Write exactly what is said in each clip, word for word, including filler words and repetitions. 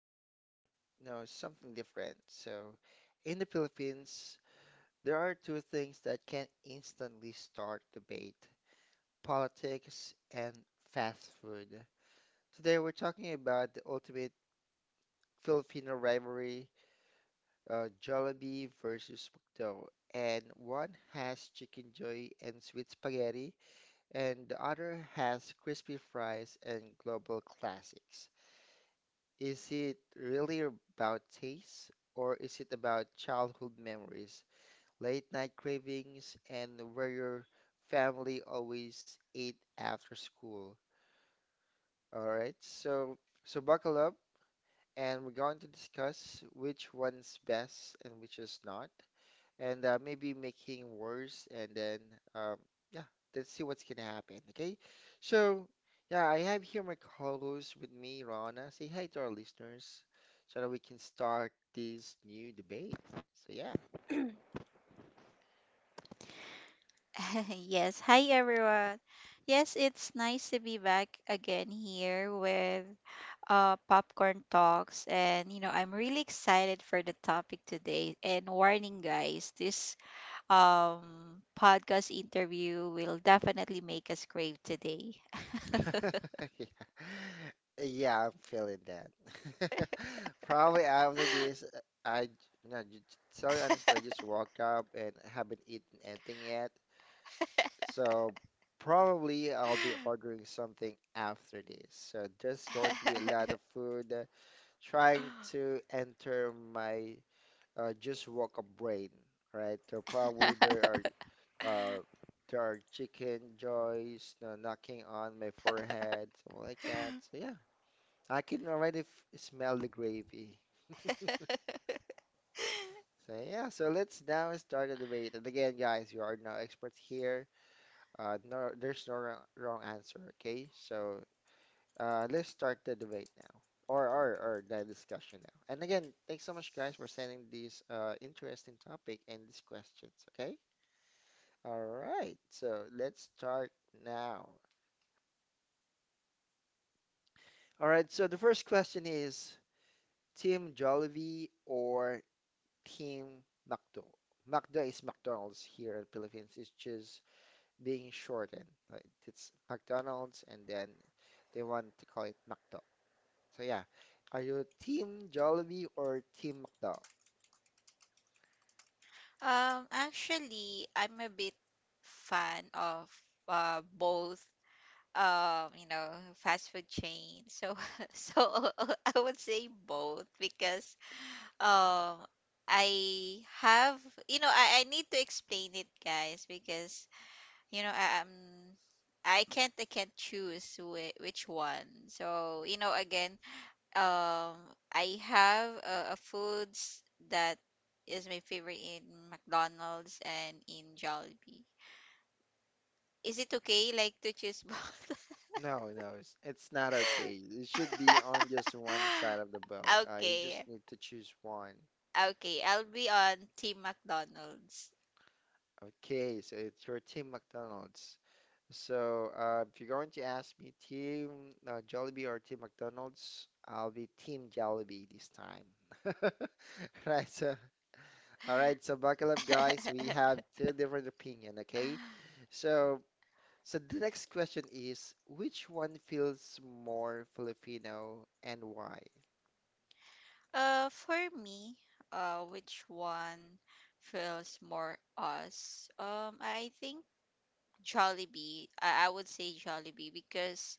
to do, you know, something different. So, in the Philippines, there are two things that can instantly start debate: politics and fast food. Today we're talking about the ultimate Filipino rivalry, uh, Jollibee versus McDo, and one has chicken joy and sweet spaghetti, and the other has crispy fries and global classics. Is it really about taste, or is it about childhood memories, late night cravings, and where your family always ate after school? All right, so so buckle up, and we're going to discuss which one's best and which is not. And uh, maybe making worse, and then um, yeah, let's see what's gonna happen. Okay, so yeah, I have here my co-host with me, rana. Say hi to our listeners so that we can start this new debate. So yeah. Yes, hi everyone. Yes, it's nice to be back again here with uh, Popcorn Talks. And, you know, I'm really excited for the topic today. And warning, guys, this um, podcast interview will definitely make us crave today. Yeah, yeah, I'm feeling that. Probably after this uh, i you know, j- j- tell you honestly, I just woke up and haven't eaten anything yet. So probably I'll be ordering something after this. So there's going to be a lot of food uh, trying to enter my uh, just woke up brain, right? So probably there are uh, there are chicken joys, you know, knocking on my forehead, something like that. So yeah, I can already f smell the gravy. So yeah, so let's now start the debate. And again, guys, you are no experts here. Uh, no, there's no wrong, wrong answer. Okay, so Uh, let's start the debate now, or, or or the discussion now. And again, thanks so much, guys, for sending these uh, interesting topic and these questions. Okay. All right. So let's start now. All right. So the first question is, Team Jollibee or Team McDo? McDo is McDonald's here in Philippines. It's just being shortened. Like it's McDonald's, and then they want to call it McDo. So yeah, are you Team Jollibee or Team McDo? Um, actually, I'm a bit fan of uh, both, um you know fast food chain, so so I would say both because, um I have, you know, i, I need to explain it, guys, because, you know, i am i can't i can't choose whi- which one. So, you know, again, um I have a, a foods that is my favorite in McDonald's and in Jollibee. Is it okay like to choose both? No, no, it's it's not okay. It should be on just one side of the boat. Uh, you Okay. just need to choose one. Okay, I'll be on Team McDonald's. Okay, so it's your Team McDonald's. So uh, if you're going to ask me Team uh, Jollibee or Team McDonald's, I'll be Team Jollibee this time. Right, so all right, so buckle up, guys. We have two different opinion. Okay, so so the next question is, which one feels more Filipino and why? Uh, for me, uh, which one feels more us? Um, I think Jollibee. I, I would say Jollibee because,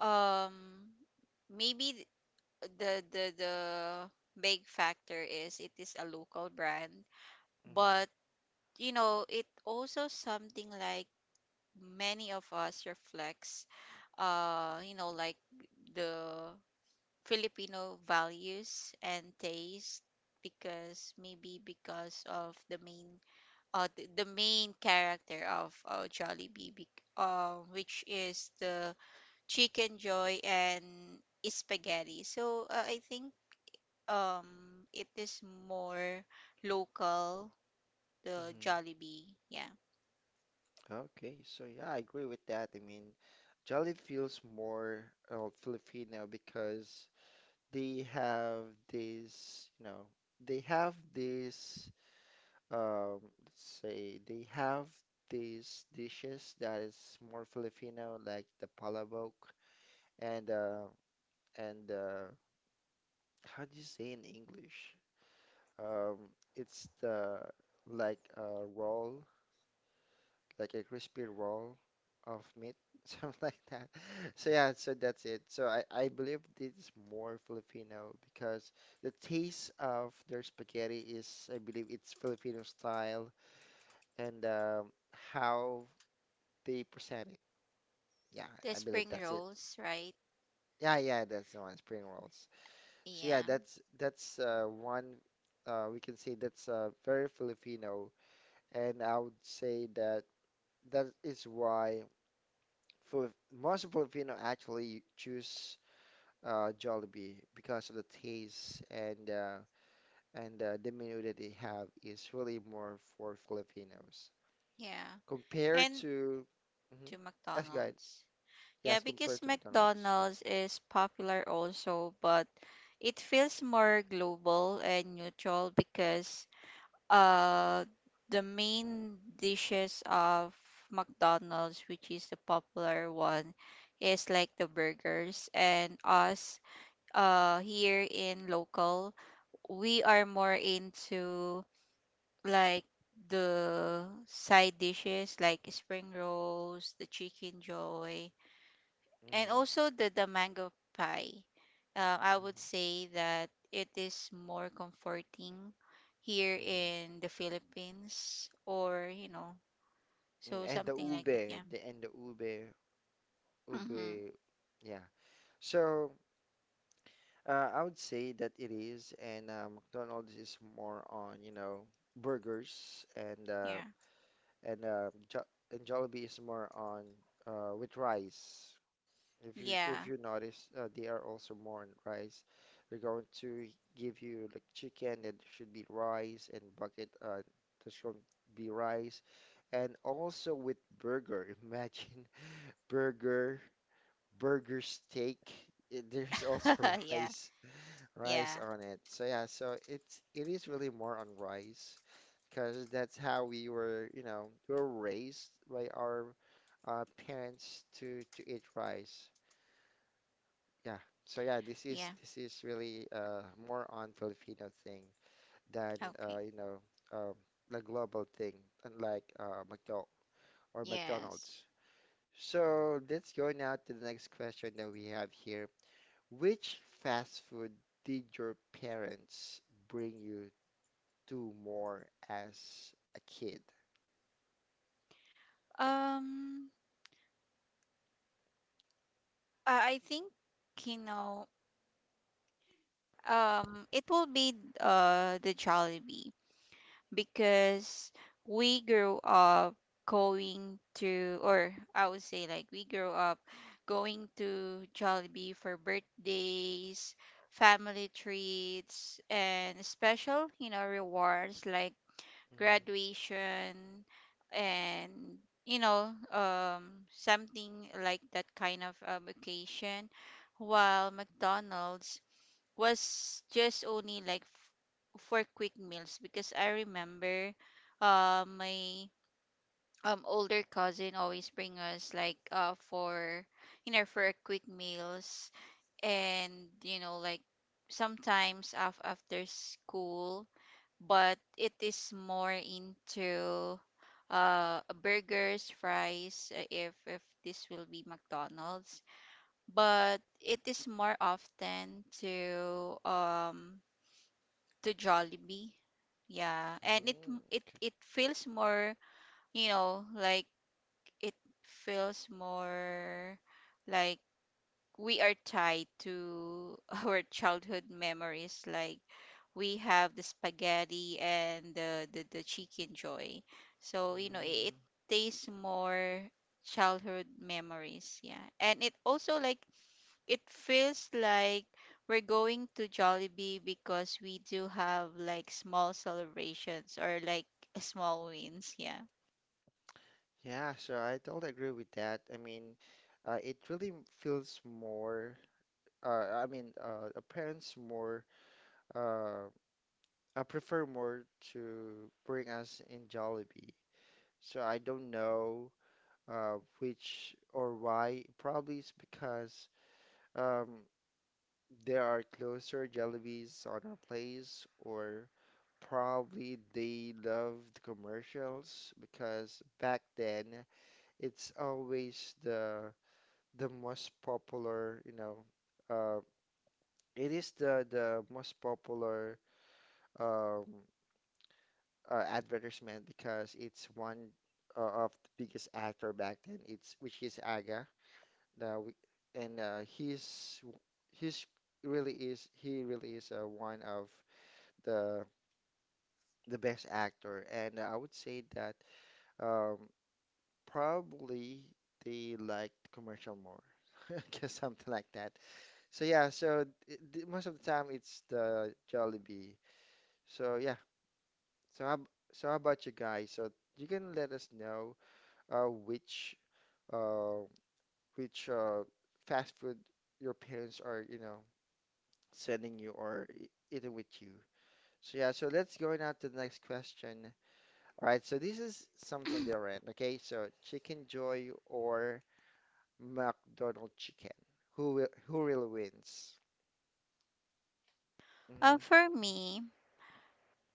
um, maybe th- the the the big factor is it is a local brand, Mhm. but you know it also something like many of us reflects, uh you know like the Filipino values and taste, because maybe because of the main, uh, the, the main character of uh, Jollibee, bec- uh, which is the chicken joy and spaghetti. So, uh, I think, um it is more local, the Mm-hmm. Jollibee. Yeah. Okay, so yeah, I agree with that. I mean, Jolly feels more uh, Filipino because they have this, you know, they have this, um, let's say, they have these dishes that is more Filipino, like the palabok and uh, and uh, how do you say in English? Um, it's the like uh, roll. Like a crispy roll of meat, something like that. So yeah, so that's it. So I, I believe this is more Filipino because the taste of their spaghetti is, I believe, it's Filipino style and um, how they present it. Yeah, The I spring believe that's it. rolls, right? Yeah, yeah, that's the one, spring rolls. So yeah, Yeah. that's that's uh, one, uh, we can say that's uh, very Filipino, and I would say that that is why. Fili- most Filipino actually choose uh, Jollibee because of the taste, and uh, and uh, the menu that they have is really more for Filipinos Yeah. compared And to hmm to yes, guys. McDonald's. Yes, Yeah, compared because to McDonald's. McDonald's is popular also, but it feels more global and neutral because, uh the main dishes of McDonald's, which is the popular one, is like the burgers. And us, uh here in local, we are more into like the side dishes like spring rolls, the chicken joy, and hmm also the the mango pie. Uh, I would hmm say that it is more comforting here in the Philippines, or you know, hmm so And the something like ube, that. Yeah. the and the ube, Mm-hmm. ube, yeah. So uh, I would say that it is, and uh, McDonald's is more on, you know, burgers, and uh, Yeah. and uh, jo and Jollibee is more on uh, with rice. Yeah. If you if you notice, uh, they are also more on rice. They're going to give you like chicken that should be rice, and bucket uh, that's going to be rice, and also with burger. Imagine burger, burger steak. eh, There's also Yeah. rice Yeah. rice on it. So yeah, so it's it is really more on rice, because that's how we were, you know, we were raised by our uh, parents to to eat rice. Yeah. So yeah, this is Yeah. this is really uh, more on Filipino thing than uh, Okay. you know um, the global thing, unlike uh, McDo or Yes. McDonald's. So let's go now to the next question that we have here. Which fast food did your parents bring you do more as a kid? Um. I I think, you know. Um. It will be uh the Jollibee because we grew up going to, or I would say, like, we grew up going to Jollibee for birthdays, family treats, and special, you know, rewards like Mhm. graduation and, you know, um something like that kind of um, occasion, while McDonald's was just only like f- for quick meals, because I remember, uh, my um older cousin always bring us like uh for, you know, for a quick meals. And, you know, like, sometimes af- after school. But it is more into uh burgers, fries, uh, if if this will be McDonald's. But it is more often to um to Jollibee. Yeah, and it Mm. m- it Okay. it feels more, you know, like, it feels more like we are tied to our childhood memories. Like, we have the spaghetti and the the, the chicken joy. So, you know, it, it Mm. tastes more childhood memories. Yeah, and it also like it feels like we're going to Jollibee because we do have like small celebrations or like small wins. Yeah. Yeah, so I totally agree with that. I mean, uh, it really feels more, uh, I mean, uh, uh, parents more, uh, I prefer more to bring us in Jollibee. So I don't know uh, which or why. Probably it's because um, there are closer Jollibees on our place, or probably they loved commercials because back then it's always the the most popular, you know, uh, it is the the most popular, um, uh, advertisement because it's one uh, of the biggest actor back then. It's which is Aga, the, w- and uh, he's he's really is he really is uh, one of the the best actor, and I would say that. Um, Probably they liked commercial more. I guess something like that. So yeah, so it, the- most of the time it's the Jollibee. So yeah, so how, ab- so how about you guys? So you can let us know uh, which uh, which uh, fast food your parents are, you know, sending you or e- eating with you. So yeah, so let's go now to the next question. All right, so this is something different, okay? So Chicken Joy or McDonald chicken. Who will who really wins? Um, hmm for me,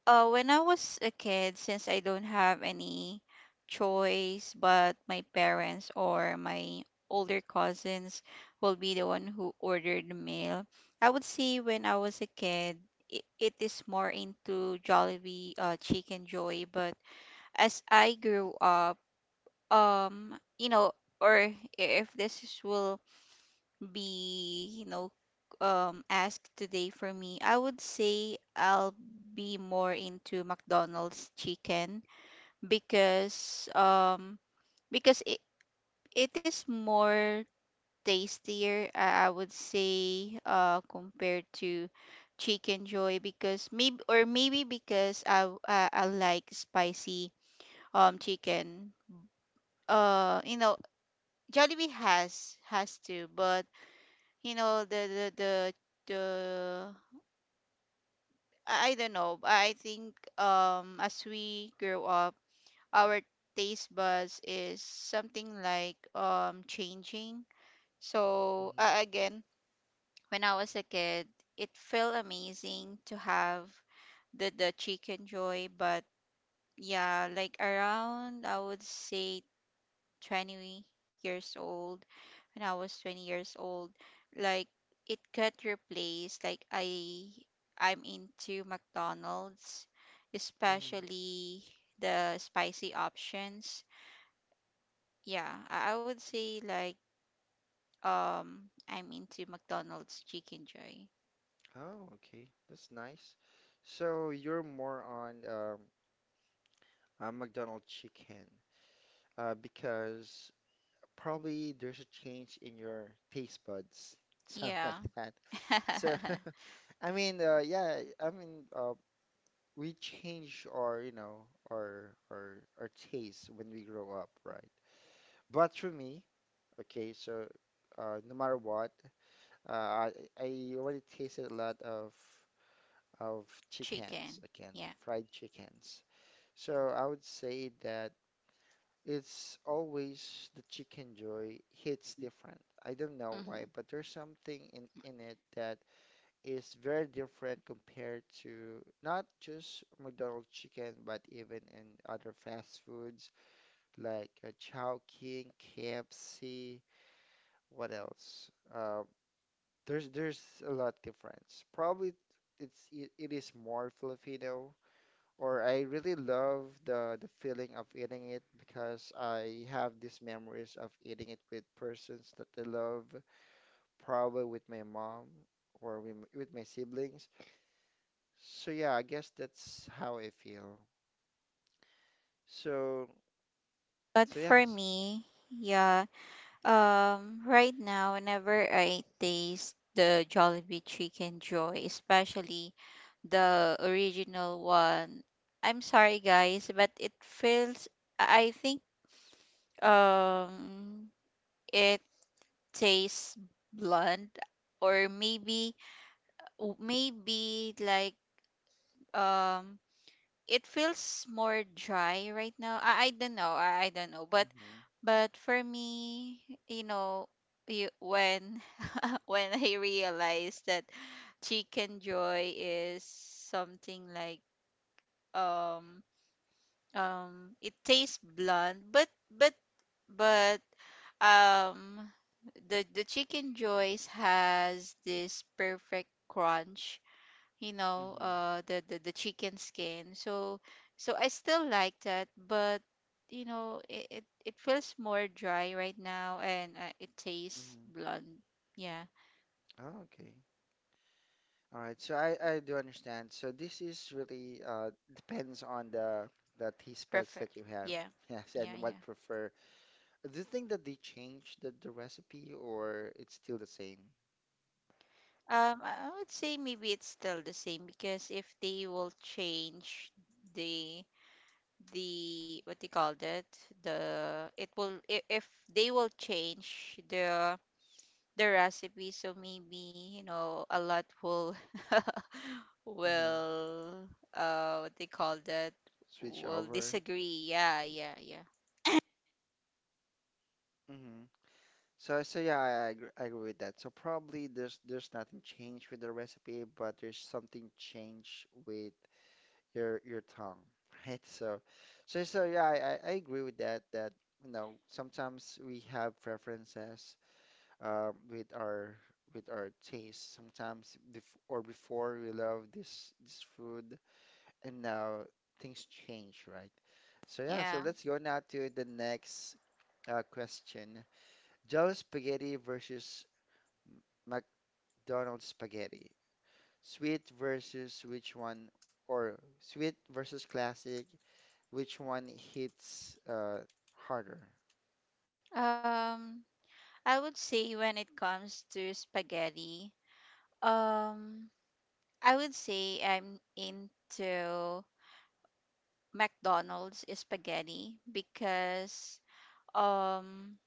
uh, when I was a kid, since I don't have any choice, but my parents or my older cousins will be the one who ordered the meal. I would say when I was a kid, it, it is more into Jollibee, uh, Chicken Joy. But as I grew up, um you know or i- if this is- will be, you know, um asked today, for me, I would say I'll be more into McDonald's chicken because, um because it, it is more tastier, i I would say, uh, compared to chicken joy, because maybe, or maybe because i i, I like spicy um chicken. uh you know Jollibee has has to, but you know the the the the I I don't know. I think um as we grow up, our taste buds is something like um changing. So, Mhm. uh, again, when I was a kid, it felt amazing to have the the chicken joy. But yeah, like, around I would say twenty years old, when I was twenty years old, like, it got replaced. Like, I I'm into McDonald's, Mhm. especially the spicy options. Yeah, I, I would say like um I'm into McDonald's chicken joy. Oh, okay. That's nice. So you're more on um, uh, McDonald's chicken uh, because probably there's a change in your taste buds, something like Yeah. that. So, I mean, uh, yeah, I mean, uh, we change our, you know, our our our taste when we grow up, right? But for me, okay, so uh, no matter what. Uh, I, I already tasted a lot of of chickens Chicken. again, Yeah. fried chickens. So I would say that it's always the chicken joy hits different. I don't know hmm why, but there's something in in it that is very different compared to not just McDonald's chicken, but even in other fast foods like uh, Chowking, K F C. What else? Uh, There's there's a lot difference. Probably it's it, it is more Filipino, or I really love the the feeling of eating it because I have these memories of eating it with persons that I love, probably with my mom or with, m- with my siblings. So yeah, I guess that's how I feel. So But so for yes. me, yeah, um, right now, whenever I taste the Jollibee Chicken Joy, especially the original one, I'm sorry guys, but it feels, I I think, um, it tastes blunt, or maybe, w- maybe like, um, it feels more dry right now. I, I don't know, I, I don't know, but, Mm-hmm, but for me, you know, you when when I realized that chicken joy is something like um um it tastes blunt, but but but um the the chicken joys has this perfect crunch, you know, mm-hmm, uh the, the the chicken skin. So so I still like that, but you know it it, it feels more dry right now. And, uh, it tastes mm-hmm. blunt. Yeah. Oh, okay. All right, so I, I do understand. So this is really uh, depends on the the taste buds Prefer. that you have, Yeah. yes, Yeah, and yeah. what prefer. Do you think that they change the, the recipe or it's still the same? Um, I I would say maybe it's still the same, because if they will change the the what they call that the it will i- if they will change the the recipe, so maybe, you know, a lot will hmm will, uh, what they call that, Switch will over. disagree. Yeah, yeah, yeah. hmm So so yeah, I, I agree, I agree with that. So probably there's there's nothing changed with the recipe, but there's something changed with your your tongue, right? So so so yeah, I, I I agree with that. That you know sometimes we have preferences um, with our with our taste. Sometimes bef or before we love this this food, and now things change, right? So yeah, so Yeah. let's go now to the next uh, question: Jello spaghetti versus M- McDonald's spaghetti. Sweet versus which one, or sweet versus classic, which one hits uh, harder? um I would say when it comes to spaghetti, um, I would say I'm into McDonald's spaghetti because, um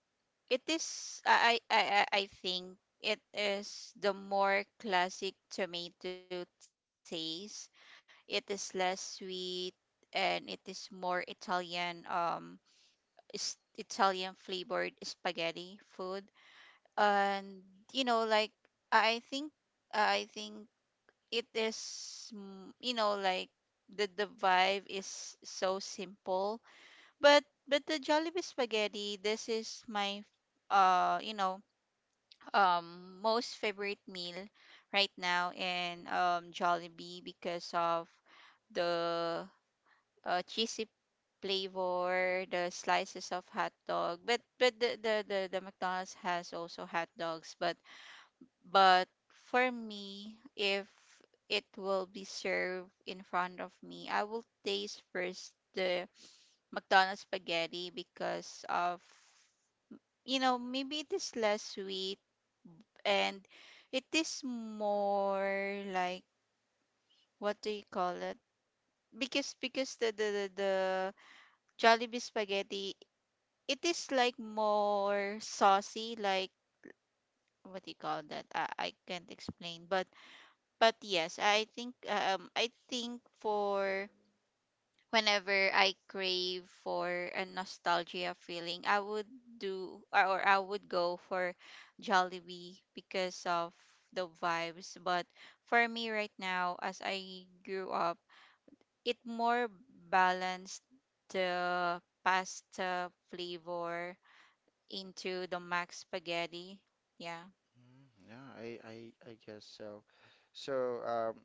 it is, I I I I I think it is the more classic tomato taste. It is less sweet, and it is more Italian, um is Italian flavored spaghetti food. And you know like I I think I think it is, mm, you know, like, the the vibe is so simple. but but the Jollibee spaghetti, this is my, uh you know um most favorite meal right now in, um Jollibee, because of the, uh, cheesy flavor, the slices of hot dog. but but the, the the the McDonald's has also hot dogs. but but for me, if it will be served in front of me, I will taste first the McDonald's spaghetti because of, you know, maybe it is less sweet and it is more like, what do you call it? Because because the the the, the Jollibee spaghetti, it is like more saucy, like, what do you call that? I, I can't explain, but but yes, I think, um I think for whenever I crave for a nostalgia feeling, I would do, or, or I would go for Jollibee because of the vibes. But for me right now, as I grew up, it more balanced the pasta flavor into the mac spaghetti. Yeah. Mm, yeah, I, I, I guess so. So, um,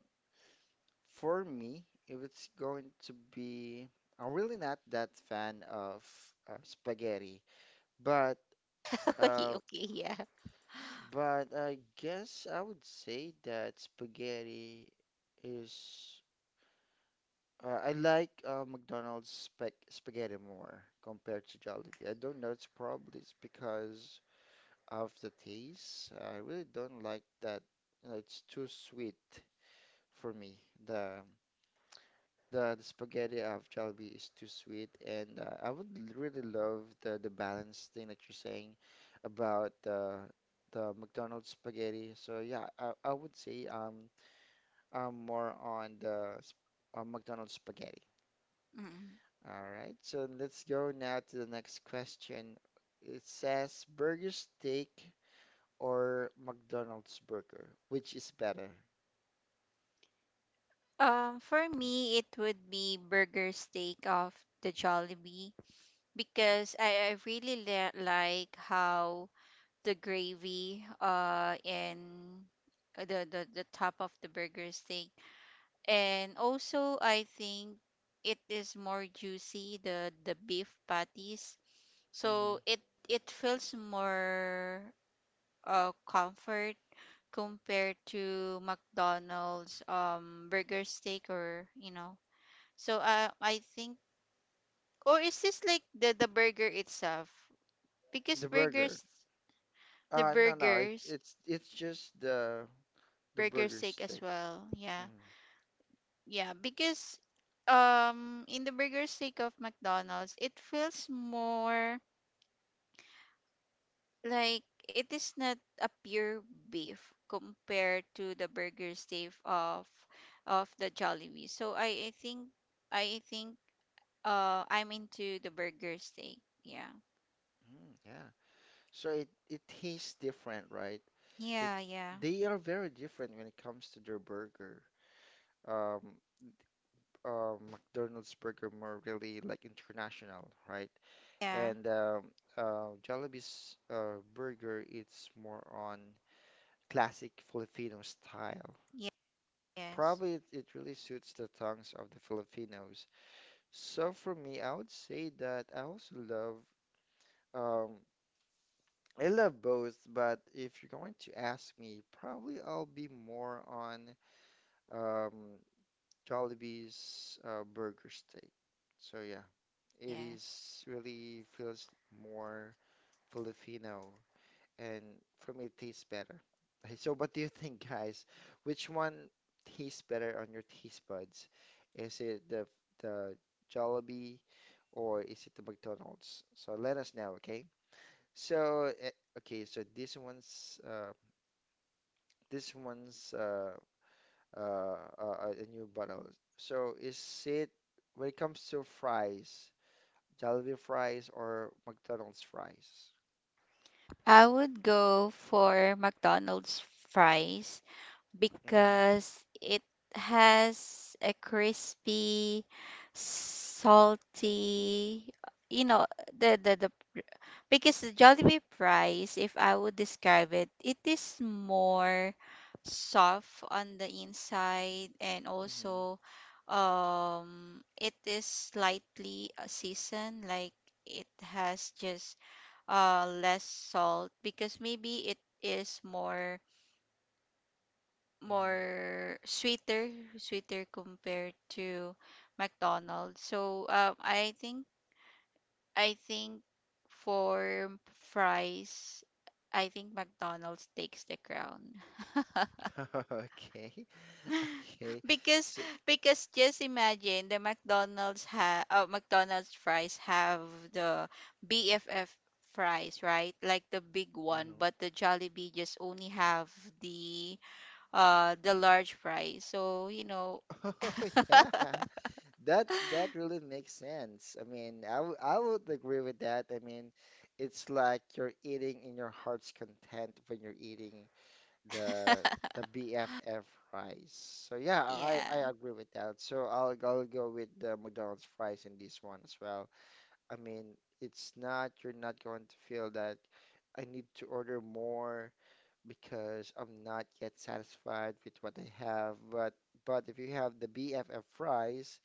for me, if it's going to be, I'm really not that fan of uh, spaghetti, but Okay, uh, okay, yeah. but I guess I would say that spaghetti is. Uh, I like uh, McDonald's spag spaghetti more compared to Jollibee. I don't know. It's probably it's because of the taste. I really don't like that. You know, it's too sweet for me. The the, the spaghetti of Jollibee is too sweet, and uh, I would l- really love the the balance thing that you're saying about the the McDonald's spaghetti. So yeah, I, I would say um I'm more on the sp- uh, McDonald's spaghetti. Mm. All right, so let's go now to the next question. It says burger steak or McDonald's burger, which is better? Um, for me, it would be burger steak of the Jollibee, because I, I really li- like how the gravy uh and, uh, the, the the top of the burger steak. And also I think it is more juicy, the the beef patties, so hmm it it feels more, uh, comfort, compared to McDonald's, um burger steak or, you know. So, uh, I think, or is this like the the burger itself? Because The burger. burgers, the Uh, no, no, it's burgers, it's it's just the the burger burger steak as steak. well. Yeah, Mm, yeah. Because, um, in the burger steak of McDonald's, it feels more like it is not a pure beef compared to the burger steak of of the Jollibee. So, I, I think I think, uh, I'm into the burger steak. Yeah, mm, yeah. So it, it tastes different, right? It yeah, yeah, They are very different when it comes to their burger. Um, um, McDonald's burger more really like international, right? yeah. And um, uh, Jollibee's uh, burger, it's more on classic Filipino style. Yes. Probably it, it really suits the tongues of the Filipinos. So for me, I would say that I also love. um. I love both, but if you're going to ask me, probably I'll be more on um, Jollibee's uh, burger steak. So yeah, it Yes. is really feels more Filipino, and for me, it tastes better. So what do you think, guys? Which one tastes better on your taste buds? Is it the the Jollibee or is it the McDonald's? So let us know, okay? So, eh, okay, so this one's. Uh, This one's uh, uh, uh, uh, a new bottle. So is it, when it comes to fries, Jollibee fries or McDonald's fries? I would go for McDonald's fries Mm-hmm. because it has a crispy, salty, you know, the the the because the Jollibee fries, if I would describe it, it is more soft on the inside. And also, um it is slightly, uh, seasoned like it has just, uh, less salt, because maybe it is more, more sweeter, sweeter compared to McDonald's. So, um, I think I think for fries, I think McDonald's takes the crown. Mm-hmm. Mm-hmm. Okay, okay. Because, So because just imagine the McDonald's ha uh, McDonald's fries have the B F F fries, right? Like the big one. hmm But the Jollibee just only have the uh the large fries. So, you know. Oh yeah, that that really makes sense. I mean, I w- I would agree with that. I mean, it's like you're eating in your heart's content when you're eating the the B F F fries. So yeah, I Yeah. I agree with that. So I'll I'll go with the McDonald's fries in this one as well. I mean, it's not you're not going to feel that I need to order more because I'm not yet satisfied with what I have. But but if you have the B F F fries,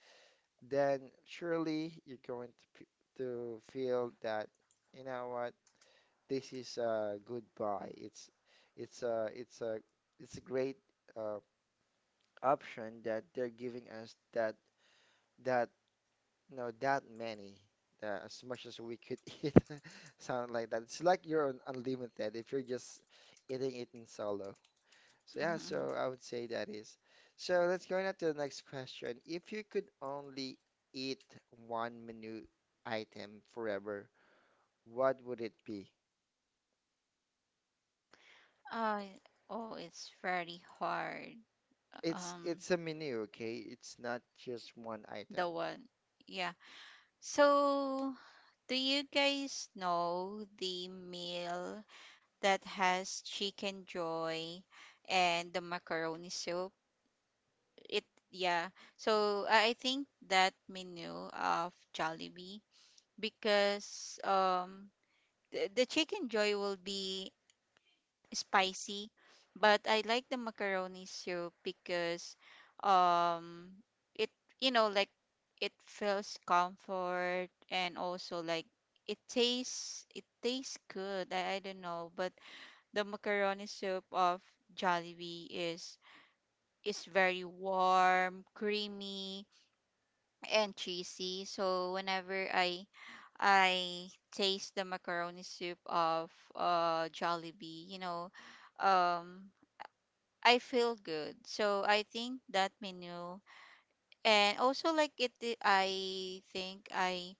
then surely you're going to f- to feel that, you know what, this is a good buy. It's it's a it's a it's a great uh, option that they're giving us that that you know, that many, uh, as much as we could eat. Sound like that. It's like you're on unlimited if you're just eating it in solo. So yeah, so I would say that is. So let's go on to the next question. If you could only eat one menu item forever, what would it be? Uh, oh, it's very hard. It's Um, it's a menu, okay? It's not just one item. the one. Yeah. So, do you guys know the meal that has chicken joy and the macaroni soup? It, yeah. So, I I think that menu of Jollibee because, um the, the chicken joy will be spicy, but I like the macaroni soup because, um it you know like it feels comfort. And also like, it tastes it tastes good. I, I don't know, but the macaroni soup of Jollibee is is very warm, creamy, and cheesy. So whenever I I taste the macaroni soup of, uh Jollibee, you know, um I feel good. So I think that menu, and also like it i- I think I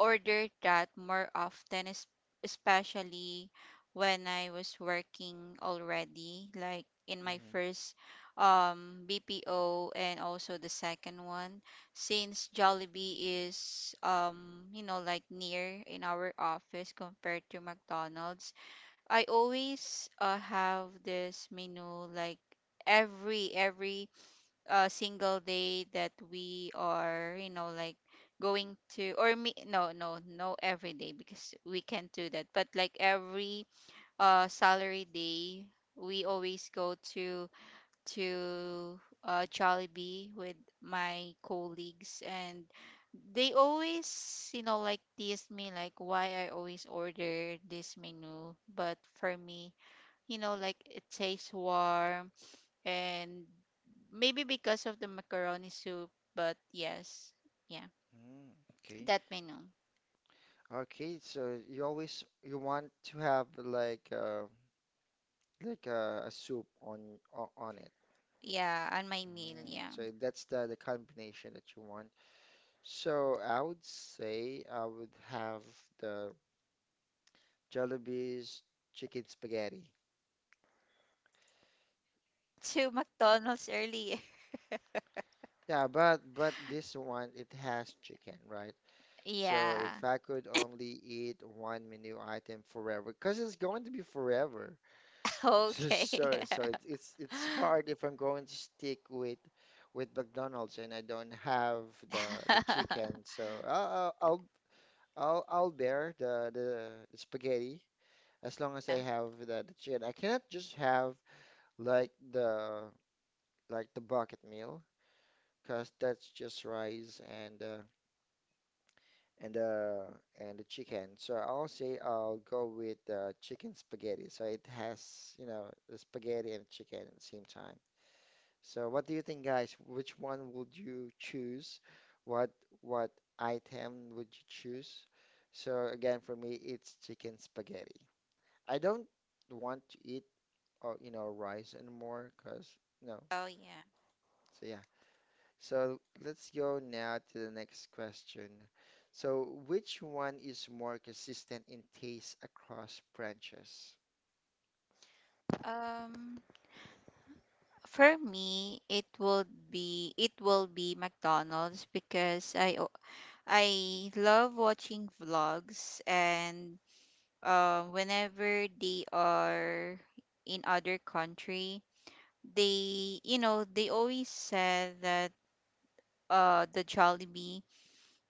order that more often es- especially when I was working already, like in my Mm-hmm. first um B P O, and also the second one. Since Jollibee is, um you know, like near in our office compared to McDonald's, I always uh, have this menu like every every uh, single day that we are, you know, like going to, or me no no no every day, because we can't do that, but like every uh salary day we always go to to uh Jollibee with my colleagues, and they always, you know, like tease me like why I always order this menu. But for me, you know, like it tastes warm, and maybe because of the macaroni soup, but yes, yeah, Mm, okay. that menu. Okay, so you always, you want to have like uh like a, a soup on o- on it. Yeah, on my meal, Mm, yeah. so that's the the combination that you want. So I would say I would have the Jollibee's chicken spaghetti. To McDonald's earlier. Yeah, but but this one it has chicken, right? So if Yeah. I could only eat one menu item forever, because it's going to be forever. So Okay. so so it's it's it's hard if I'm going to stick with with McDonald's and I don't have the the Yeah. chicken. So I'll I'll I'll, I'll bear the, the the spaghetti as long as I have the, the chicken. I cannot just have like the, like the bucket meal because that's just rice and uh, and uh and the chicken. So I'll say I'll go with uh, chicken spaghetti. So it has, you know, the spaghetti and chicken at the same time. So what do you think, guys? Which one would you choose? What what item would you choose? So again, for me, it's chicken spaghetti. I don't want to eat, uh, you know, rice anymore because no. Oh yeah. So yeah, so let's go now to the next question. So, which one is more consistent in taste across branches? Um, for me, it would be it will be McDonald's, because I o- I love watching vlogs, and um, whenever they are in other country, they, you know, they always said that uh the Jollibee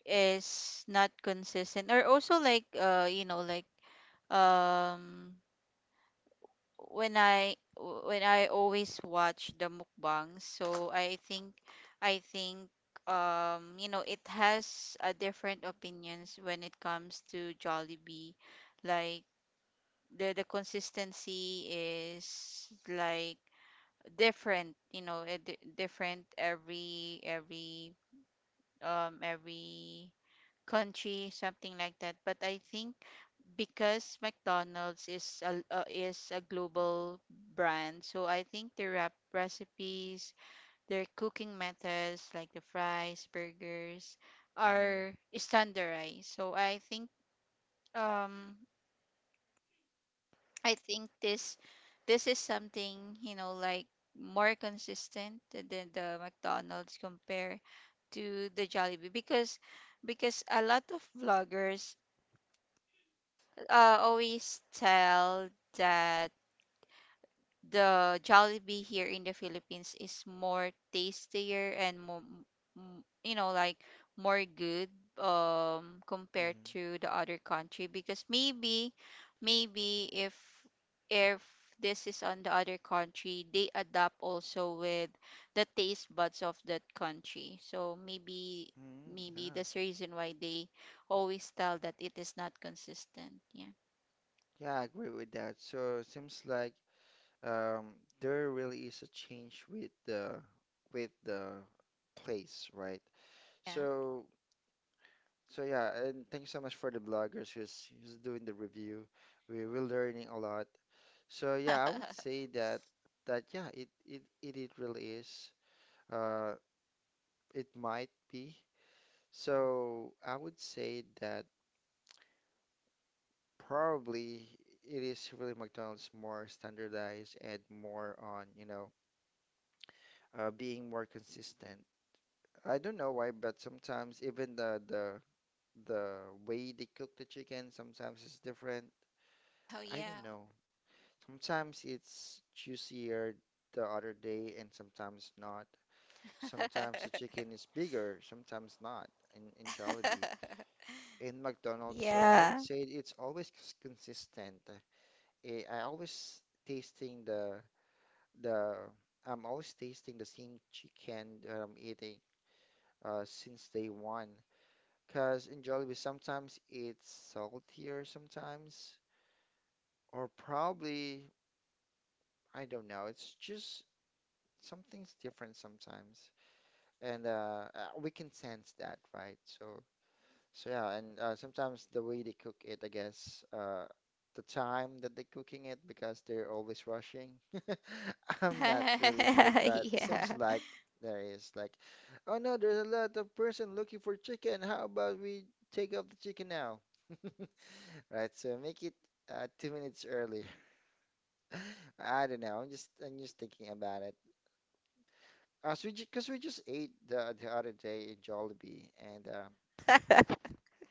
is not consistent, or also like, uh you know, like, um when I w- when I always watch the mukbangs. So I think I think um you know, it has a different opinions when it comes to Jollibee, like the the consistency is like different, you know, eh, di- different every every um every country, something like that. But I think because McDonald's is a uh, is a global brand, so I think their rep- recipes their cooking methods, like the fries, burgers, Mm, are standardized. So I think, um I think this this is something, you know, like more consistent than the McDonald's, compare to the Jollibee, because because a lot of vloggers uh, always tell that the Jollibee here in the Philippines is more tastier and more, m- you know, like more good, um compared mm, to the other country, because maybe maybe if if this is on the other country, they adapt also with the taste buds of that country. So maybe mm, maybe yeah. that's the reason why they always tell that it is not consistent, yeah. Yeah, I agree with that. So it seems like, um, there really is a change with the with the place, right? Yeah. So so yeah, and thanks so much for the bloggers who's who's doing the review. We we're learning a lot. So yeah, I would say that that yeah, it it it, it really is. Uh, it might be. So I would say that probably it is really McDonald's, more standardized and more on, you know, uh, being more consistent. I don't know why, but sometimes even the the the way they cook the chicken sometimes is different. I don't Oh know. Sometimes it's juicier the other day and sometimes not. yeah. Sometimes the chicken is bigger, sometimes not, in, in Jollibee. In McDonald's, so I would Yeah. say it's always cons- consistent. Eh, I always tasting the the I'm always tasting the same chicken that I'm eating uh, since day one. Cause in Jollibee sometimes it's saltier, sometimes, or probably I don't know. It's just something's different sometimes, and uh, uh, we can sense that, right? So so yeah, and uh, sometimes the way they cook it, I guess, uh, the time that they're cooking it, because they're always rushing. I'm not really sure, but seems Yeah. like there is like, oh no, there's a lot of person looking for chicken. How about we take off the chicken now? Right, so make it uh, two minutes early. I don't know. I'm just I'm just thinking about it. Uh, so we, because we just ate the the other day in Jollibee, and uh,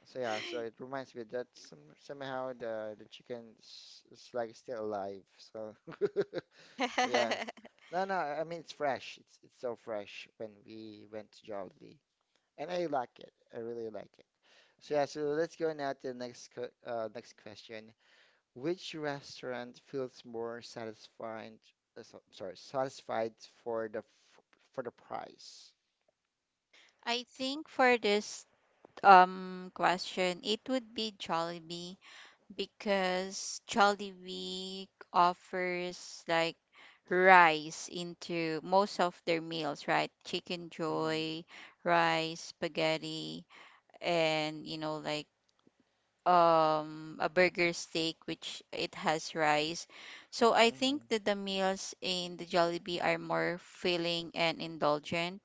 so yeah, so it reminds me that some, somehow the the chicken is, is like still alive. So so yeah, no no, I mean it's fresh. It's it's so fresh when we went to Jollibee, and I like it. I really like it. So yeah, so let's go now to the next que- uh, next question. Which restaurant feels more satisfied? Uh, so, sorry, satisfied for the f for the price? I think for this um question, it would be Jollibee, because Jollibee offers like rice into most of their meals, right? Chicken Mm-hmm, joy, rice, spaghetti, and, you know, like um a burger steak which it has rice. So I think mm-hmm, that the meals in the Jollibee are more filling and indulgent,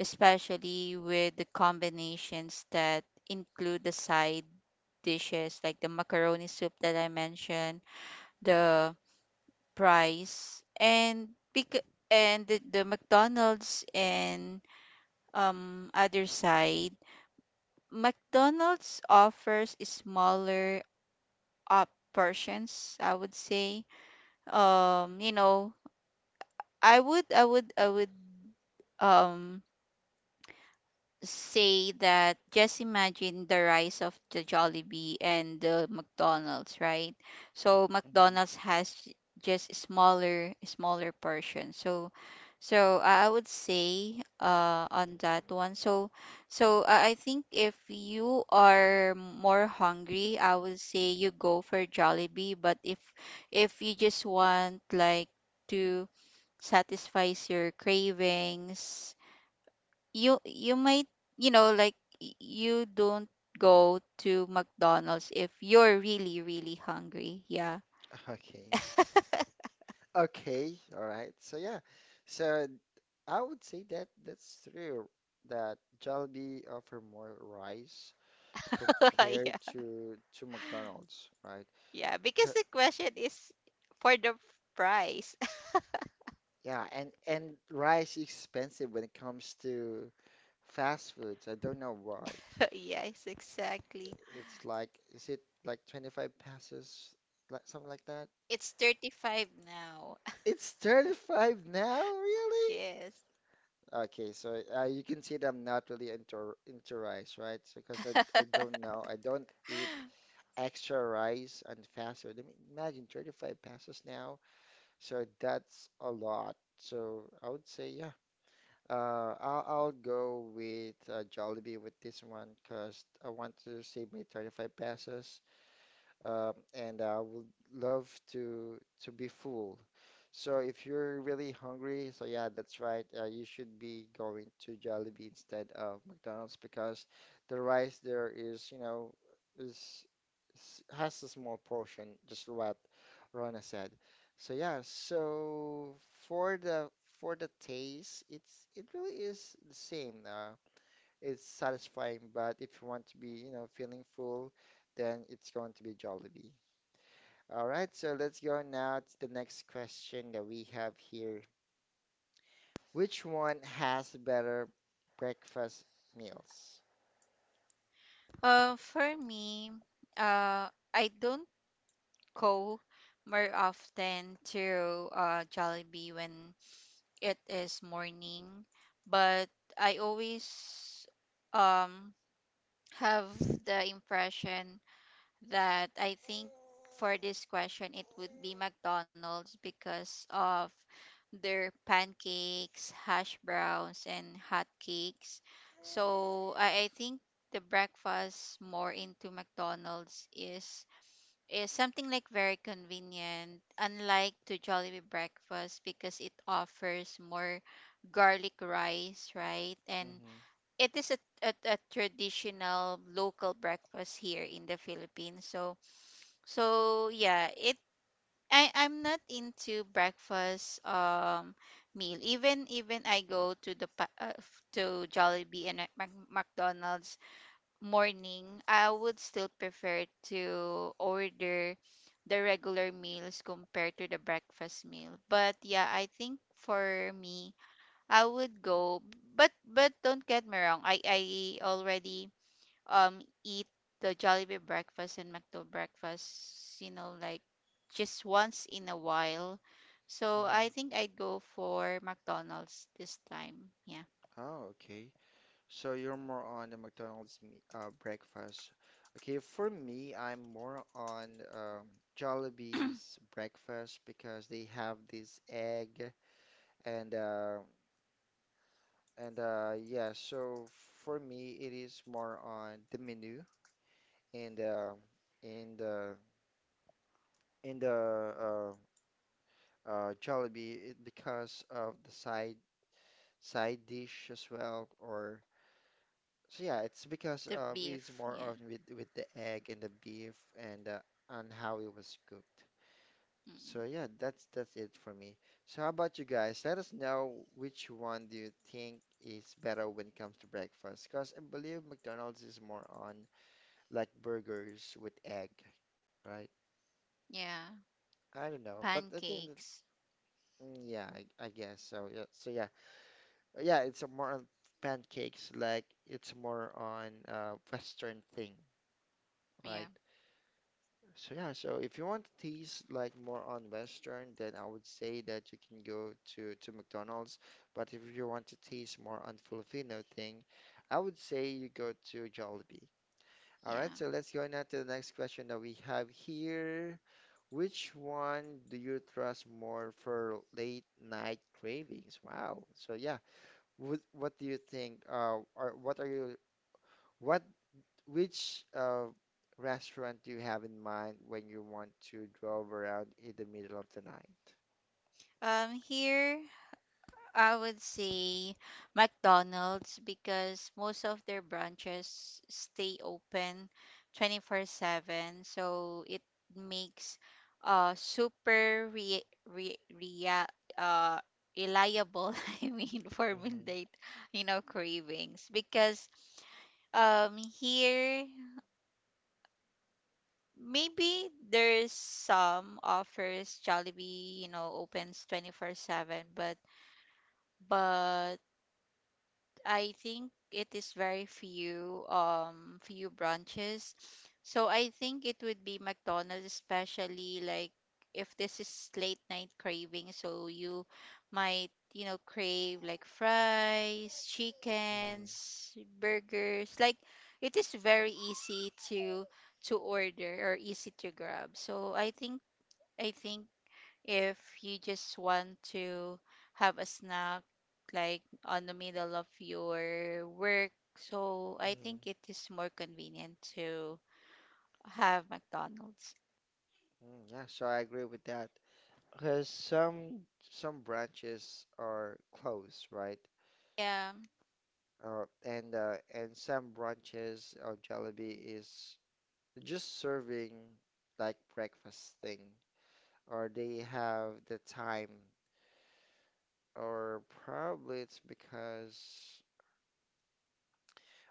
especially with the combinations that include the side dishes, like the macaroni soup that I mentioned, the price, and bec- and the, the McDonald's, and um other side. McDonald's offers smaller up persons, I would say. Um you know, I would I would I would um say that, just imagine the rise of the Jollibee and the McDonald's, right? So mm-hmm. McDonald's has j- just smaller smaller portion. So so I I would say uh on that one. So so I I think if you are more hungry, I would say you go for Jollibee, but if if you just want like to satisfies your cravings, you you might, you know, like, y- you don't go to McDonald's if you're really really hungry, yeah. Okay. Okay, all right. So yeah, so I would say that that's true that Jollibee offer more rice compared Yeah, to to McDonald's, right? yeah, C- because the question is for the price. Yeah, and and rice is expensive when it comes to fast foods. I don't know why. Yes, exactly. It's like, is it like twenty-five passes, like something like that? It's thirty-five now. It's thirty-five now, really? Yes. Okay, so uh, you can see that I'm not really into into rice, right? So, because I, I don't know, I don't eat extra rice on fast food. I mean, imagine thirty-five pesos now. So that's a lot. So I would say, yeah, uh, I'll, I'll go with uh, Jollibee with this one because I want to save my thirty-five pesos. Um, and I would love to to be full, so if you're really hungry, so yeah, that's right. Uh, you should be going to Jollibee instead of McDonald's because the rice there is, you know, is, is has a small portion, just what Rona said. So yeah, so for the, for the taste, it's it really is the same. Uh, it's satisfying, but if you want to be, you know, feeling full, then it's going to be Jollibee. All right, so let's go now to the next question that we have here. Which one has better breakfast meals? Uh for me, uh I don't go more often to uh Jollibee when it is morning, but I always um have the impression that I think for this question it would be McDonald's, because of their pancakes, hash browns and hot cakes. So I, I think the breakfast more into McDonald's is is something like very convenient, unlike to Jollibee breakfast, because it offers more garlic rice, right? And Mm-hmm. it is a, a, a traditional local breakfast here in the Philippines. So so yeah, it I I'm not into breakfast um meal. Even even I go to the pa- uh, f- to Jollibee and Mac- Mac- McDonald's morning, I would still prefer to order the regular meals compared to the breakfast meal. But yeah, I think for me, I would go. But but don't get me wrong. I I already um eat the Jollibee breakfast and McDo breakfast. You know, like just once in a while. So Mm-hmm. I think I'd go for McDonald's this time. Yeah, yeah. Oh, okay. So you're more on the McDonald's me uh, breakfast. Okay, for me, I'm more on um, Jollibee's breakfast because they have this egg and uh, and uh, yeah. So for me, it is more on the menu and uh, and uh, in the uh, uh, Jollibee it- because of the side side dish as well, or so yeah, it's because Yeah, the uh, it's beef. more Yeah, of with with the egg and the beef and uh, on how it was cooked. mm, So yeah, that's that's it for me. So how about you guys? Let us know, which one do you think is better when it comes to breakfast? Because I believe McDonald's is more on like burgers with egg, right? yeah, I don't know, but I think that, pancakes. mm, yeah, I, I guess so. Yeah, so yeah. Yeah, it's a more on pancakes, like it's more on uh, Western thing, Yeah, right? So yeah, so if you want to taste like more on Western, then I would say that you can go to to McDonald's. But if you want to taste more on Filipino thing, I would say you go to Jollibee. All right, yeah. so let's go now to the next question that we have here. Which one do you trust more for late night cravings? Wow. So yeah, what what do you think? Uh, or what are you? What which uh restaurant do you have in mind when you want to drove around in the middle of the night? Um, here I would say McDonald's because most of their branches stay open twenty-four seven, so it makes uh super re re rea uh reliable, I mean, for Mm-hmm, midnight, you know, cravings. Because um here maybe there's some offers Jollibee, you know, opens twenty-four seven, but but I think it is very few um few branches. So I think it would be McDonald's, especially like if this is late night craving, so you might, you know, crave like fries, mm-hmm, chickens, burgers, like it is very easy to to order, or easy to grab. So I think I think if you just want to have a snack like on the middle of your work, so I mm-hmm, think it is more convenient to have McDonald's. mm. Yeah, so I agree with that. Because some some branches are closed, right? Yeah, Uh, and uh, and some branches of Jollibee is just serving like breakfast thing, or they have the time, or probably it's because.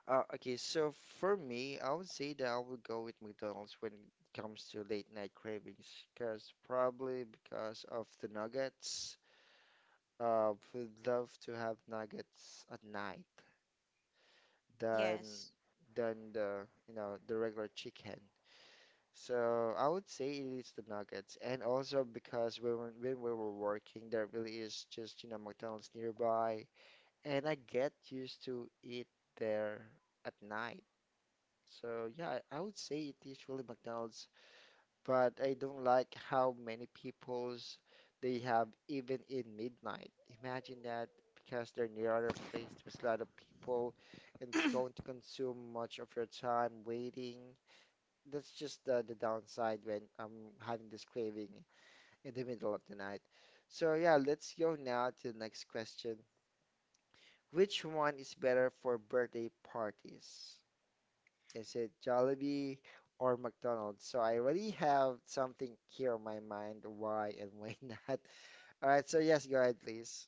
Uh, okay, so for me, I would say that I would go with McDonald's when it comes to late night cravings, because probably because of the nuggets. Uh, would love to have nuggets at night than yes. than the, you know, the regular chicken. So I would say it is the nuggets, and also because when we- when we were working, there really is just, you know, McDonald's nearby, and I get used to eat there at night. So yeah, I I would say it is really McDonald's, but I don't like how many peoples they have even in midnight. Imagine that, because they're near other place, there's a lot of people, and it's going to consume much of your time waiting. That's just the, the downside when I'm having this craving in the middle of the night. So yeah, let's go now to the next question. Which one is better for birthday parties? Is it Jollibee or McDonald's? So I already have something here on my mind, why and why not. All right, so yes, go ahead, please.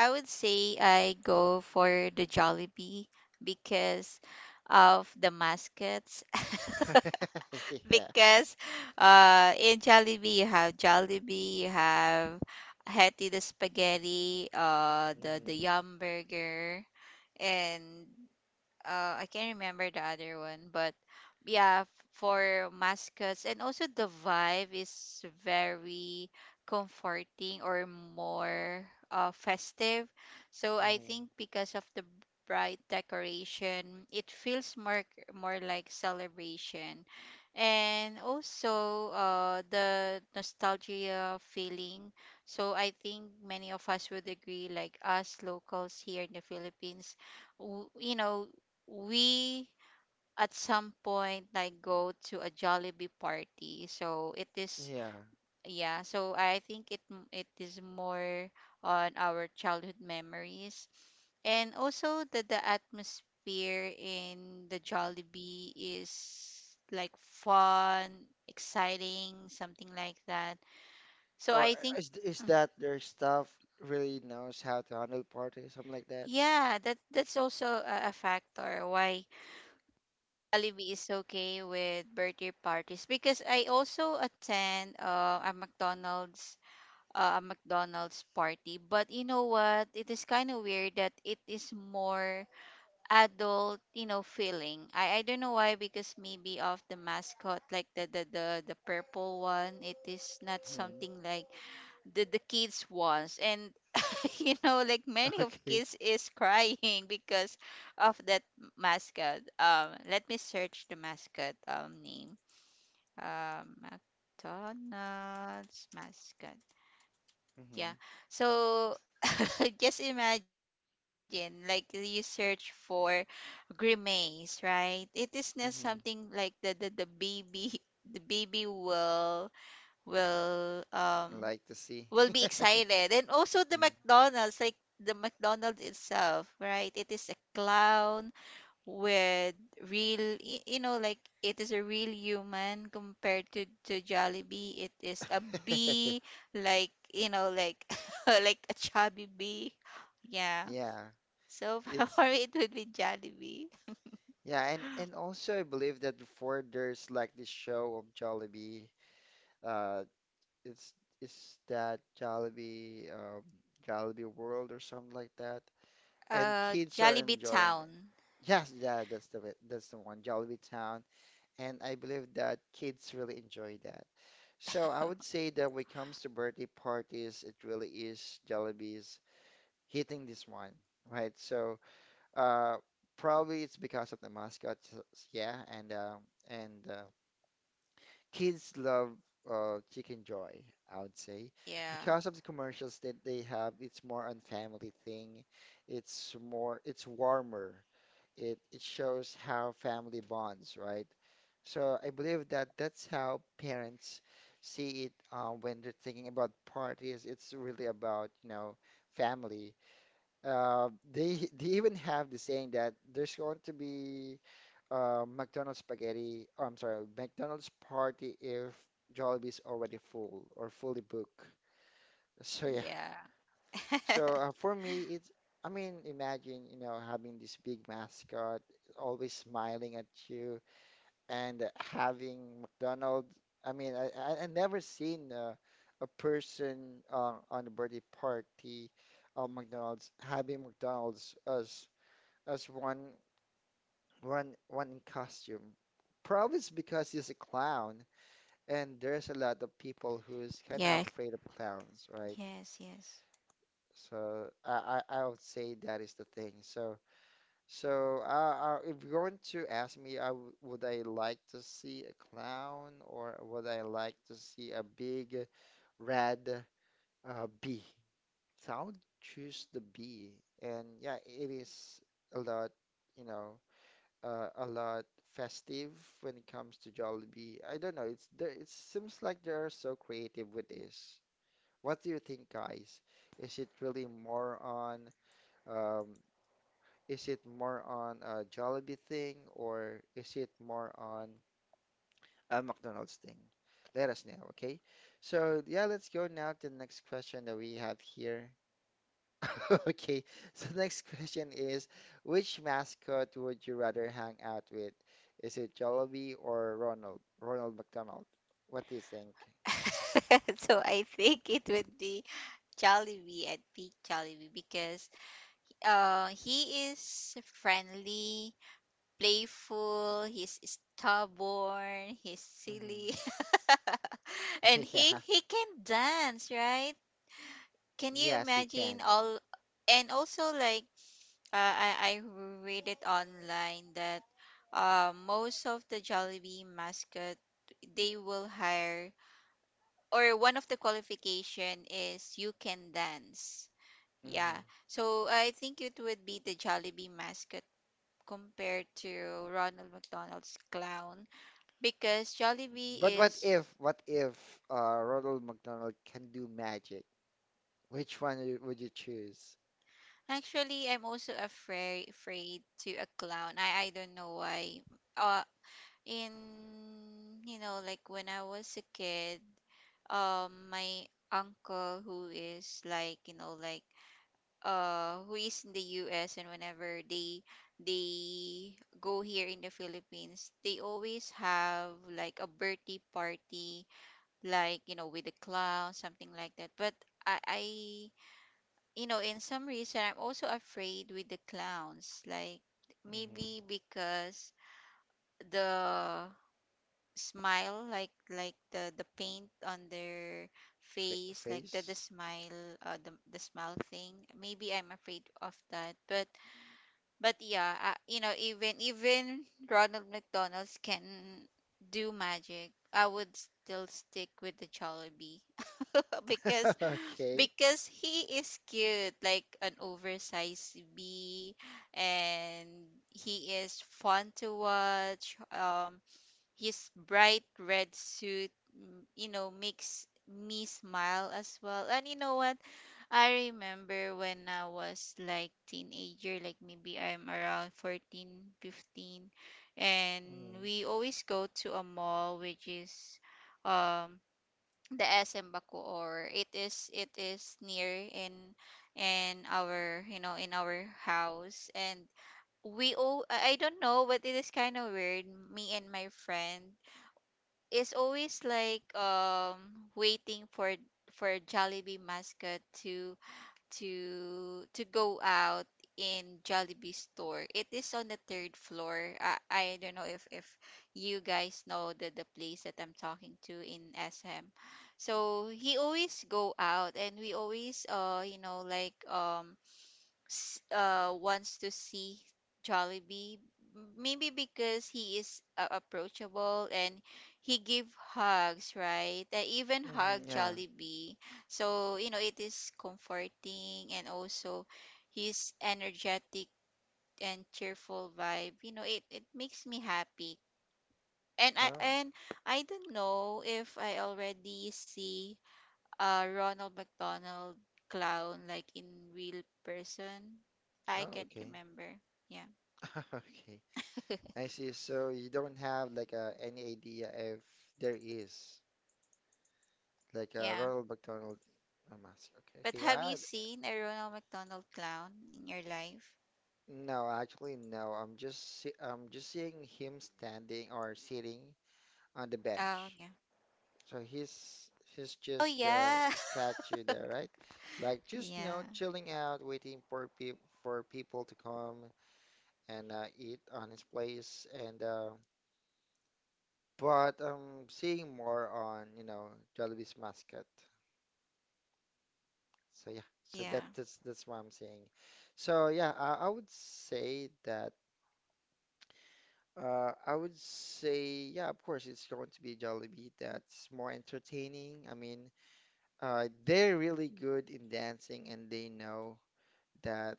I would say I go for the Jollibee because of the mascots. Yeah. Because uh in Jollibee you have Jollibee, you have Hetty the spaghetti, uh the the hmm Yum burger, and uh, I can't remember the other one. But yeah, f- for mascots, and also the vibe is very comforting, or more uh, festive. So I hmm think because of the bright decoration, it feels more more like celebration, and also uh, the nostalgia feeling. So I think many of us would agree, like us locals here in the Philippines, w- you know, we at some point like go to a Jollibee party. So it is, Yeah. yeah, so I think it m- it is more on our childhood memories. And also the the atmosphere in the Jollibee is like fun, exciting, something like that. So Or I think, is is mm, that their staff really knows how to handle parties, something like that? yeah, that that's also a, a factor why Jollibee is okay with birthday parties, because I also attend uh, a McDonald's uh, a McDonald's party. But you know what? It is kind of weird that it is more adult, you know, feeling. I, I don't know why, because maybe of the mascot, like the the the, the purple one, it is not Hmm. something like the, the kids wants, and you know, like many of Okay. kids is crying because of that mascot. Um let me search the mascot um name. um McDonald's mascot. Hmm. Yeah, so just imagine like you search for grimace, right? It is not something like Hmm. the the, the baby the baby will will um Like to see. will be excited. And also the Yeah. McDonald's, like the McDonald's itself, right? It is a clown with real, y- you know, like it is a real human compared to to Jollibee. It is a bee, like, you know, like like a chubby bee. Yeah. Yeah. So It's for me, it would be Jollibee. Yeah, and and also I believe that before there's like this show of Jollibee, uh, it's it's that Jollibee, um, Jollibee World or something like that, and Uh, kids are Jollibee enjoying. It. Town. Yes, yeah, that's the way- that's the one, Jollibee Town, and I believe that kids really enjoy that. So I would say that when it comes to birthday parties, it really is Jollibee's hitting this one, right? So uh, probably it's because of the mascots, s- yeah, and uh, and uh, kids love uh, Chicken Joy, I would say, Yeah. because of the commercials that they have. It's more on family thing. It's more, it's warmer. It it shows how family bonds, right? So I believe that that's how parents see it uh, when they're thinking about parties. It's really about, you know, family. Uh, they they even have the saying that there's going to be uh, McDonald's spaghetti. Oh, I'm sorry, McDonald's party if Jollibee's already full or fully booked. So yeah. Yeah. So uh, for me, it's I mean, imagine you know having this big mascot always smiling at you and having McDonald's. I mean, I I, I never seen uh, a person uh, on a birthday party of McDonald's having McDonald's as as one one one in costume. Probably it's because he's a clown, and there's a lot of people who's kind of Yeah. afraid of clowns, right? Yes. Yes. So I, I I would say that is the thing. So so uh, uh, if you're going to ask me, I w would I like to see a clown or would I like to see a big red uh, bee? So I would choose the bee, and yeah, it is a lot, you know. Uh, a lot festive when it comes to Jollibee. I don't know. It's there. It seems like they are so creative with this. What do you think, guys? Is it really more on um, is it more on a Jollibee thing or is it more on a McDonald's thing? Let us know, okay? So yeah, let's go now to the next question that we have here. Okay, so next question is, which mascot would you rather hang out with? Is it Jollibee or Ronald? Ronald McDonald? What do you think? So I think it would be Jollibee at peak Jollibee, because uh, he is friendly, playful, he's stubborn, he's Hmm. silly, and he Yeah, he can dance, right? Can you yes, he can. imagine all? And also, like uh, I I read it online that uh, most of the Jollibee mascot, they will hire, or one of the qualification is you can dance. Yeah. Hmm. So I think it would be the Jollibee mascot compared to Ronald McDonald's clown, because Jollibee But what is, if, what if uh, Ronald McDonald can do magic? Which one you- would you choose? actually I'm also afraid afraid to a clown. I I don't know why. Uh in You know, like when I was a kid, um my uncle who is, like, you know, like, uh who is in the U S, and whenever they they go here in the Philippines, they always have like a birthday party, like, you know, with the clown, something like that. But I, I, you know, in some reason, I'm also afraid with the clowns, like Hmm. maybe because the smile, like like the the paint on their Fa face, like the the face? smile uh the, the smile thing, maybe I'm afraid of that. But but yeah, uh, you know, even even Ronald McDonald's can do magic, I would still stick with the Jollibee because Okay. because he is cute, like an oversized bee, and he is fun to watch. Um, his bright red suit, mm, you know, makes me smile as well. And you know what? I remember when I was like teenager, like maybe I'm around fourteen, fifteen, and Hmm. we always go to a mall which is um the S M Bacoor. It is it is near in in our, you know, in our house. And we all, I I don't know, but it is kind of weird. Me and my friend is always like um waiting for for Jollibee mascot to to to go out in Jollibee store. It is on the third floor. I, I don't know if if you guys know the the place that I'm talking to in S M. So he always go out, and we always uh you know like um s- uh, wants to see Jollibee. m- Maybe because he is uh, approachable, and he give hugs, right? I even hug Hmm. Yeah. Jollibee. So, you know, it is comforting, and also his energetic and cheerful vibe, you know, it, it makes me happy. And I Oh. and I don't know if I already see uh, Ronald McDonald clown, like in real person. I Oh, can't okay. remember. Yeah, Okay. I see. So you don't have like uh, any idea if there is like a yeah. Ronald McDonald uh, mask. But Okay, okay. have I, you seen a Ronald McDonald clown in your life? No, actually no. I'm just see, I'm just seeing him standing or sitting on the Oh bench. yeah. So he's he's Oh just the yeah. statue there, right? Like just you Yeah. know chilling out, waiting for people for people to come and uh, eat on his place. And uh, but I'm seeing more on you know Jollibee's mascot. So yeah, so that Yeah. that's that's what I'm saying. So yeah, I, I would say that uh I would say yeah, of course it's going to be Jollibee that's more entertaining. I mean, uh they're really good in dancing and they know that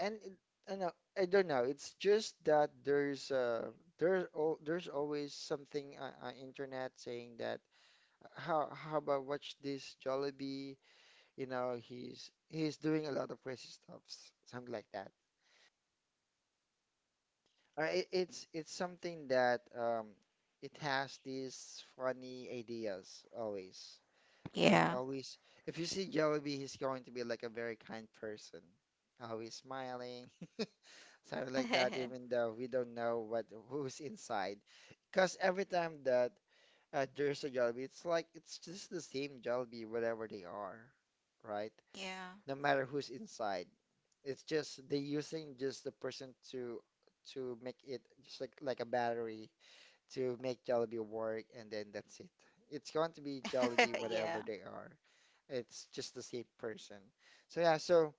and it- I know I don't know, it's just that there's uh there's all there's always something on, on internet saying that uh, how how about watch this Jollibee, you know, he's he's doing a lot of crazy stuff, something like that. Uh, it, it's it's something that um, it has these funny ideas always and Yeah. always. If you see Jollibee, he's going to be like a very kind person, always smiling, something like that. Even though we don't know what who's inside, because every time that uh, there's a Jollibee, it's like it's just the same Jollibee, whatever they are, right? Yeah. No matter who's inside. It's just they using just the person to to make it just like like a battery to make Jollibee work, and then that's it. It's going to be Jollibee whatever Yeah. they are. It's just the same person. So yeah, so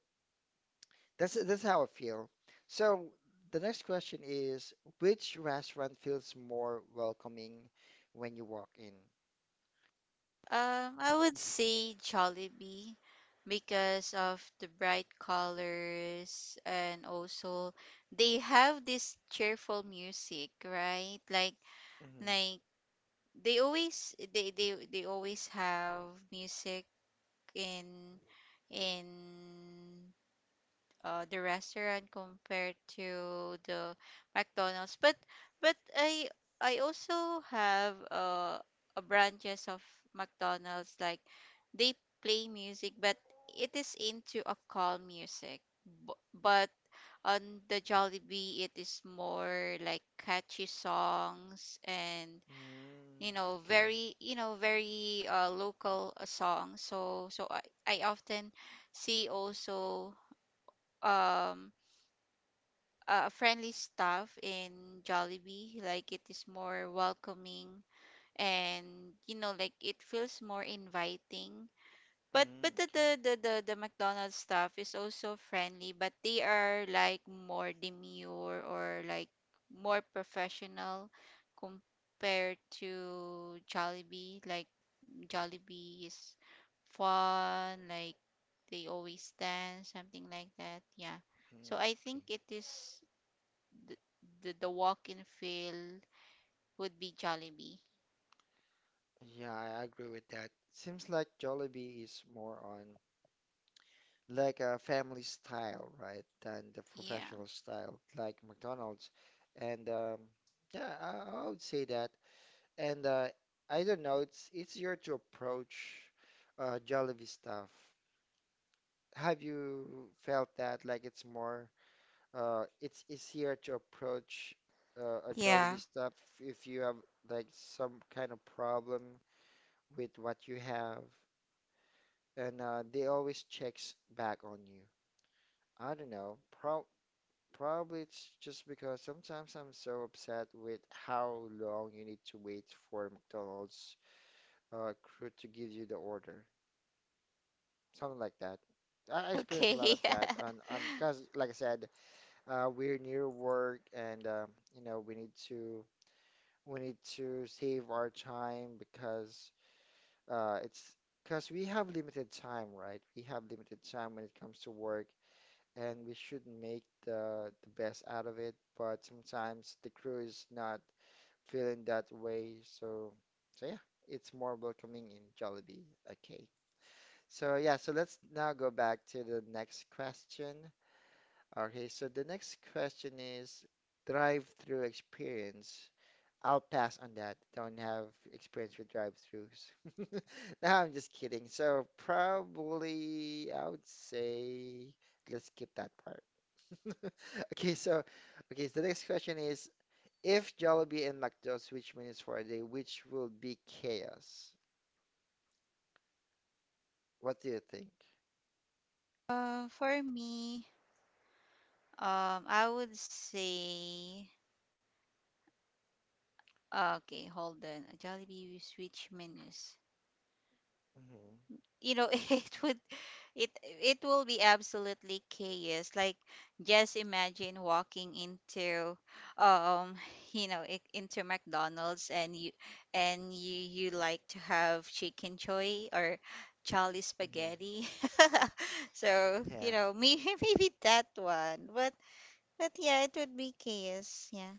that's that's how I feel. So the next question is, which restaurant feels more welcoming when you walk in? Um, I would say Jollibee because of the bright colors, and also they have this cheerful music, right? Like Mm-hmm. Like they always they they they always have music in in uh, the restaurant, compared to the McDonald's. But but I I also have uh, a branches of McDonald's, like they play music, but it is into a calm music. Bu- But on the Jollibee, it is more like catchy songs, and, you Mm. know, Okay. very, you know, very uh, local uh, song. So so I, I often see also um a friendly staff in Jollibee, like it is more welcoming, and, you know, like it feels more inviting. But Mm, but the okay. the the the, the McDonald's staff is also friendly, but they are like more demure, or like more professional compared to Jollibee. Like Jollibee is fun, like they always dance, something like that. Yeah. So Mm, I okay. think it is the the, the walk-in feel would be Jollibee. Yeah, I agree with that. Seems like Jollibee is more on like a family style, right, than the Yeah. professional style like McDonald's. And um, yeah, I, I would say that. And uh, I don't know, it's easier to approach uh, Jollibee stuff. Have you felt that like it's more uh, it's easier to approach uh, a Yeah. Jollibee stuff if you have like some kind of problem with what you have? And uh, they always checks back on you. I don't know. Pro probably it's just because sometimes I'm so upset with how long you need to wait for McDonald's uh, crew to give you the order. Something like that. I I experience a lot of Okay. that, and and because like I said, uh, we're near work, and um, you know we need to we need to save our time because uh, it's because we have limited time, right? We have limited time when it comes to work. And we should make the the best out of it. But sometimes the crew is not feeling that way, so so yeah, it's more welcoming in Jollibee. Okay, so yeah, so let's now go back to the next question. Okay, so the next question is drive-through experience. I'll pass on that. Don't have experience with drive-throughs. No, I'm just kidding. So probably I would say let's skip that part. Okay, so okay, so the next question is if Jollibee and McDo switch menus for a day, which will be chaos? What do you think? Uh, for me, um, I would say, uh, okay, hold on. Jollibee with switch menus. Hmm. You know, it would it it will be absolutely chaos, like just imagine walking into, um you know, i- into McDonald's, and you and you you like to have chicken choy or Charlie Hmm. spaghetti. So, you Yeah. know, maybe maybe that one. But but yeah, it would be chaos, yeah.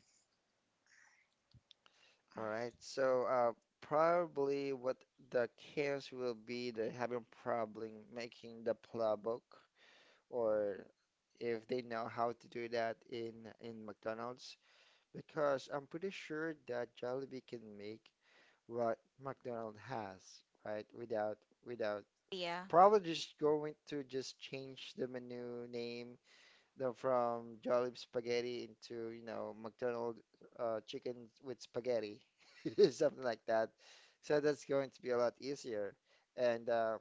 All right. So uh probably what the chaos will be they're having problem making the plabok. Or if they know how to do that in in McDonald's because I'm pretty sure that Jollibee can make what McDonald's has, right? Without without Yeah, probably just going to just change the menu name the, from Jollibee spaghetti into, you know, McDonald's uh, chicken with spaghetti, something like that. So that's going to be a lot easier. And uh,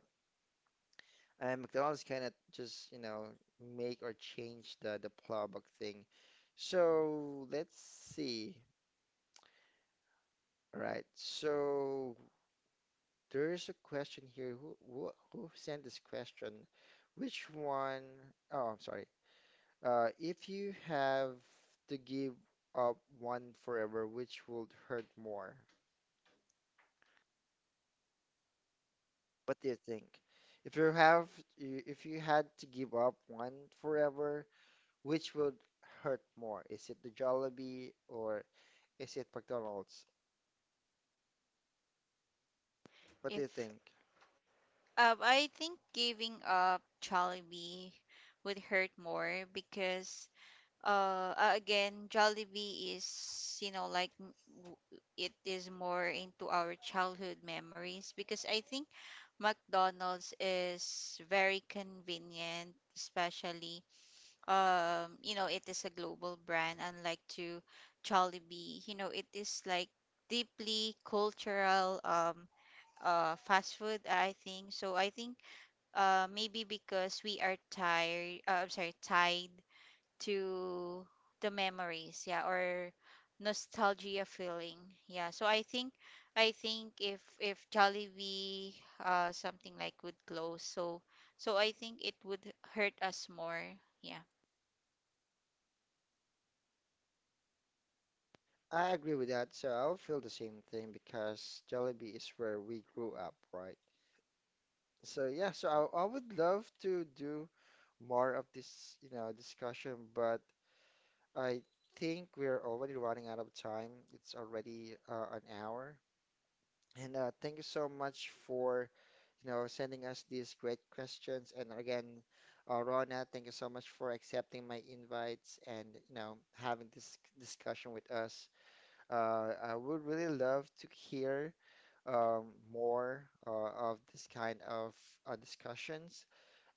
and McDonald's cannot just, you know, make or change the the playbook thing. So let's see. All right. So there's a question here. Who who, who sent this question? Which one? Oh, I'm sorry. Uh, if you have to give up one forever, which would hurt more? What do you think? If you have, if you had to give up one forever, which would hurt more? Is it the Jollibee or is it McDonald's? What do you if think? um I think giving up Jollibee would hurt more, because uh uh, again, Jollibee is, you know, like, m- w- it is more into our childhood memories, because I think McDonald's is very convenient, especially um you know, it is a global brand, unlike to Jollibee, you know, it is like deeply cultural, um uh fast food, I think. So I think uh maybe because we are tired, uh, I'm sorry, tied to the memories, yeah, or nostalgia feeling, yeah. So i think i think if if Jollibee uh something like would close, so so I think it would hurt us more, yeah. I agree with that. So I'll feel the same thing because Jollibee is where we grew up, right? So yeah, so I, I would love to do more of this, you know, discussion, but I think we're already running out of time. It's already uh, an hour. And uh, thank you so much for you know, sending us these great questions. And again, uh, Rona, thank you so much for accepting my invites and, you know, having this discussion with us. Uh, I would really love to hear um, more uh, of this kind of uh, discussions.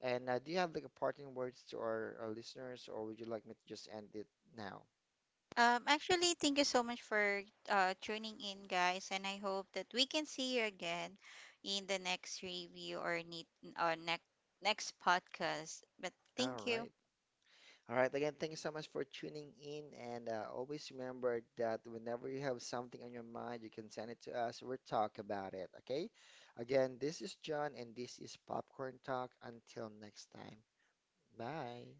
And uh, do you have like a parting words to our, our listeners, or would you like me to just end it now? Um, actually thank you so much for uh tuning in, guys, and I hope that we can see you again in the next review, or need, or next next podcast. But All thank you. right. All right, again, thank you so much for tuning in. And uh, always remember that whenever you have something on your mind, you can send it to us. We'll talk about it, okay? Again, this is John, and this is Popcorn Talk. Until next time, bye.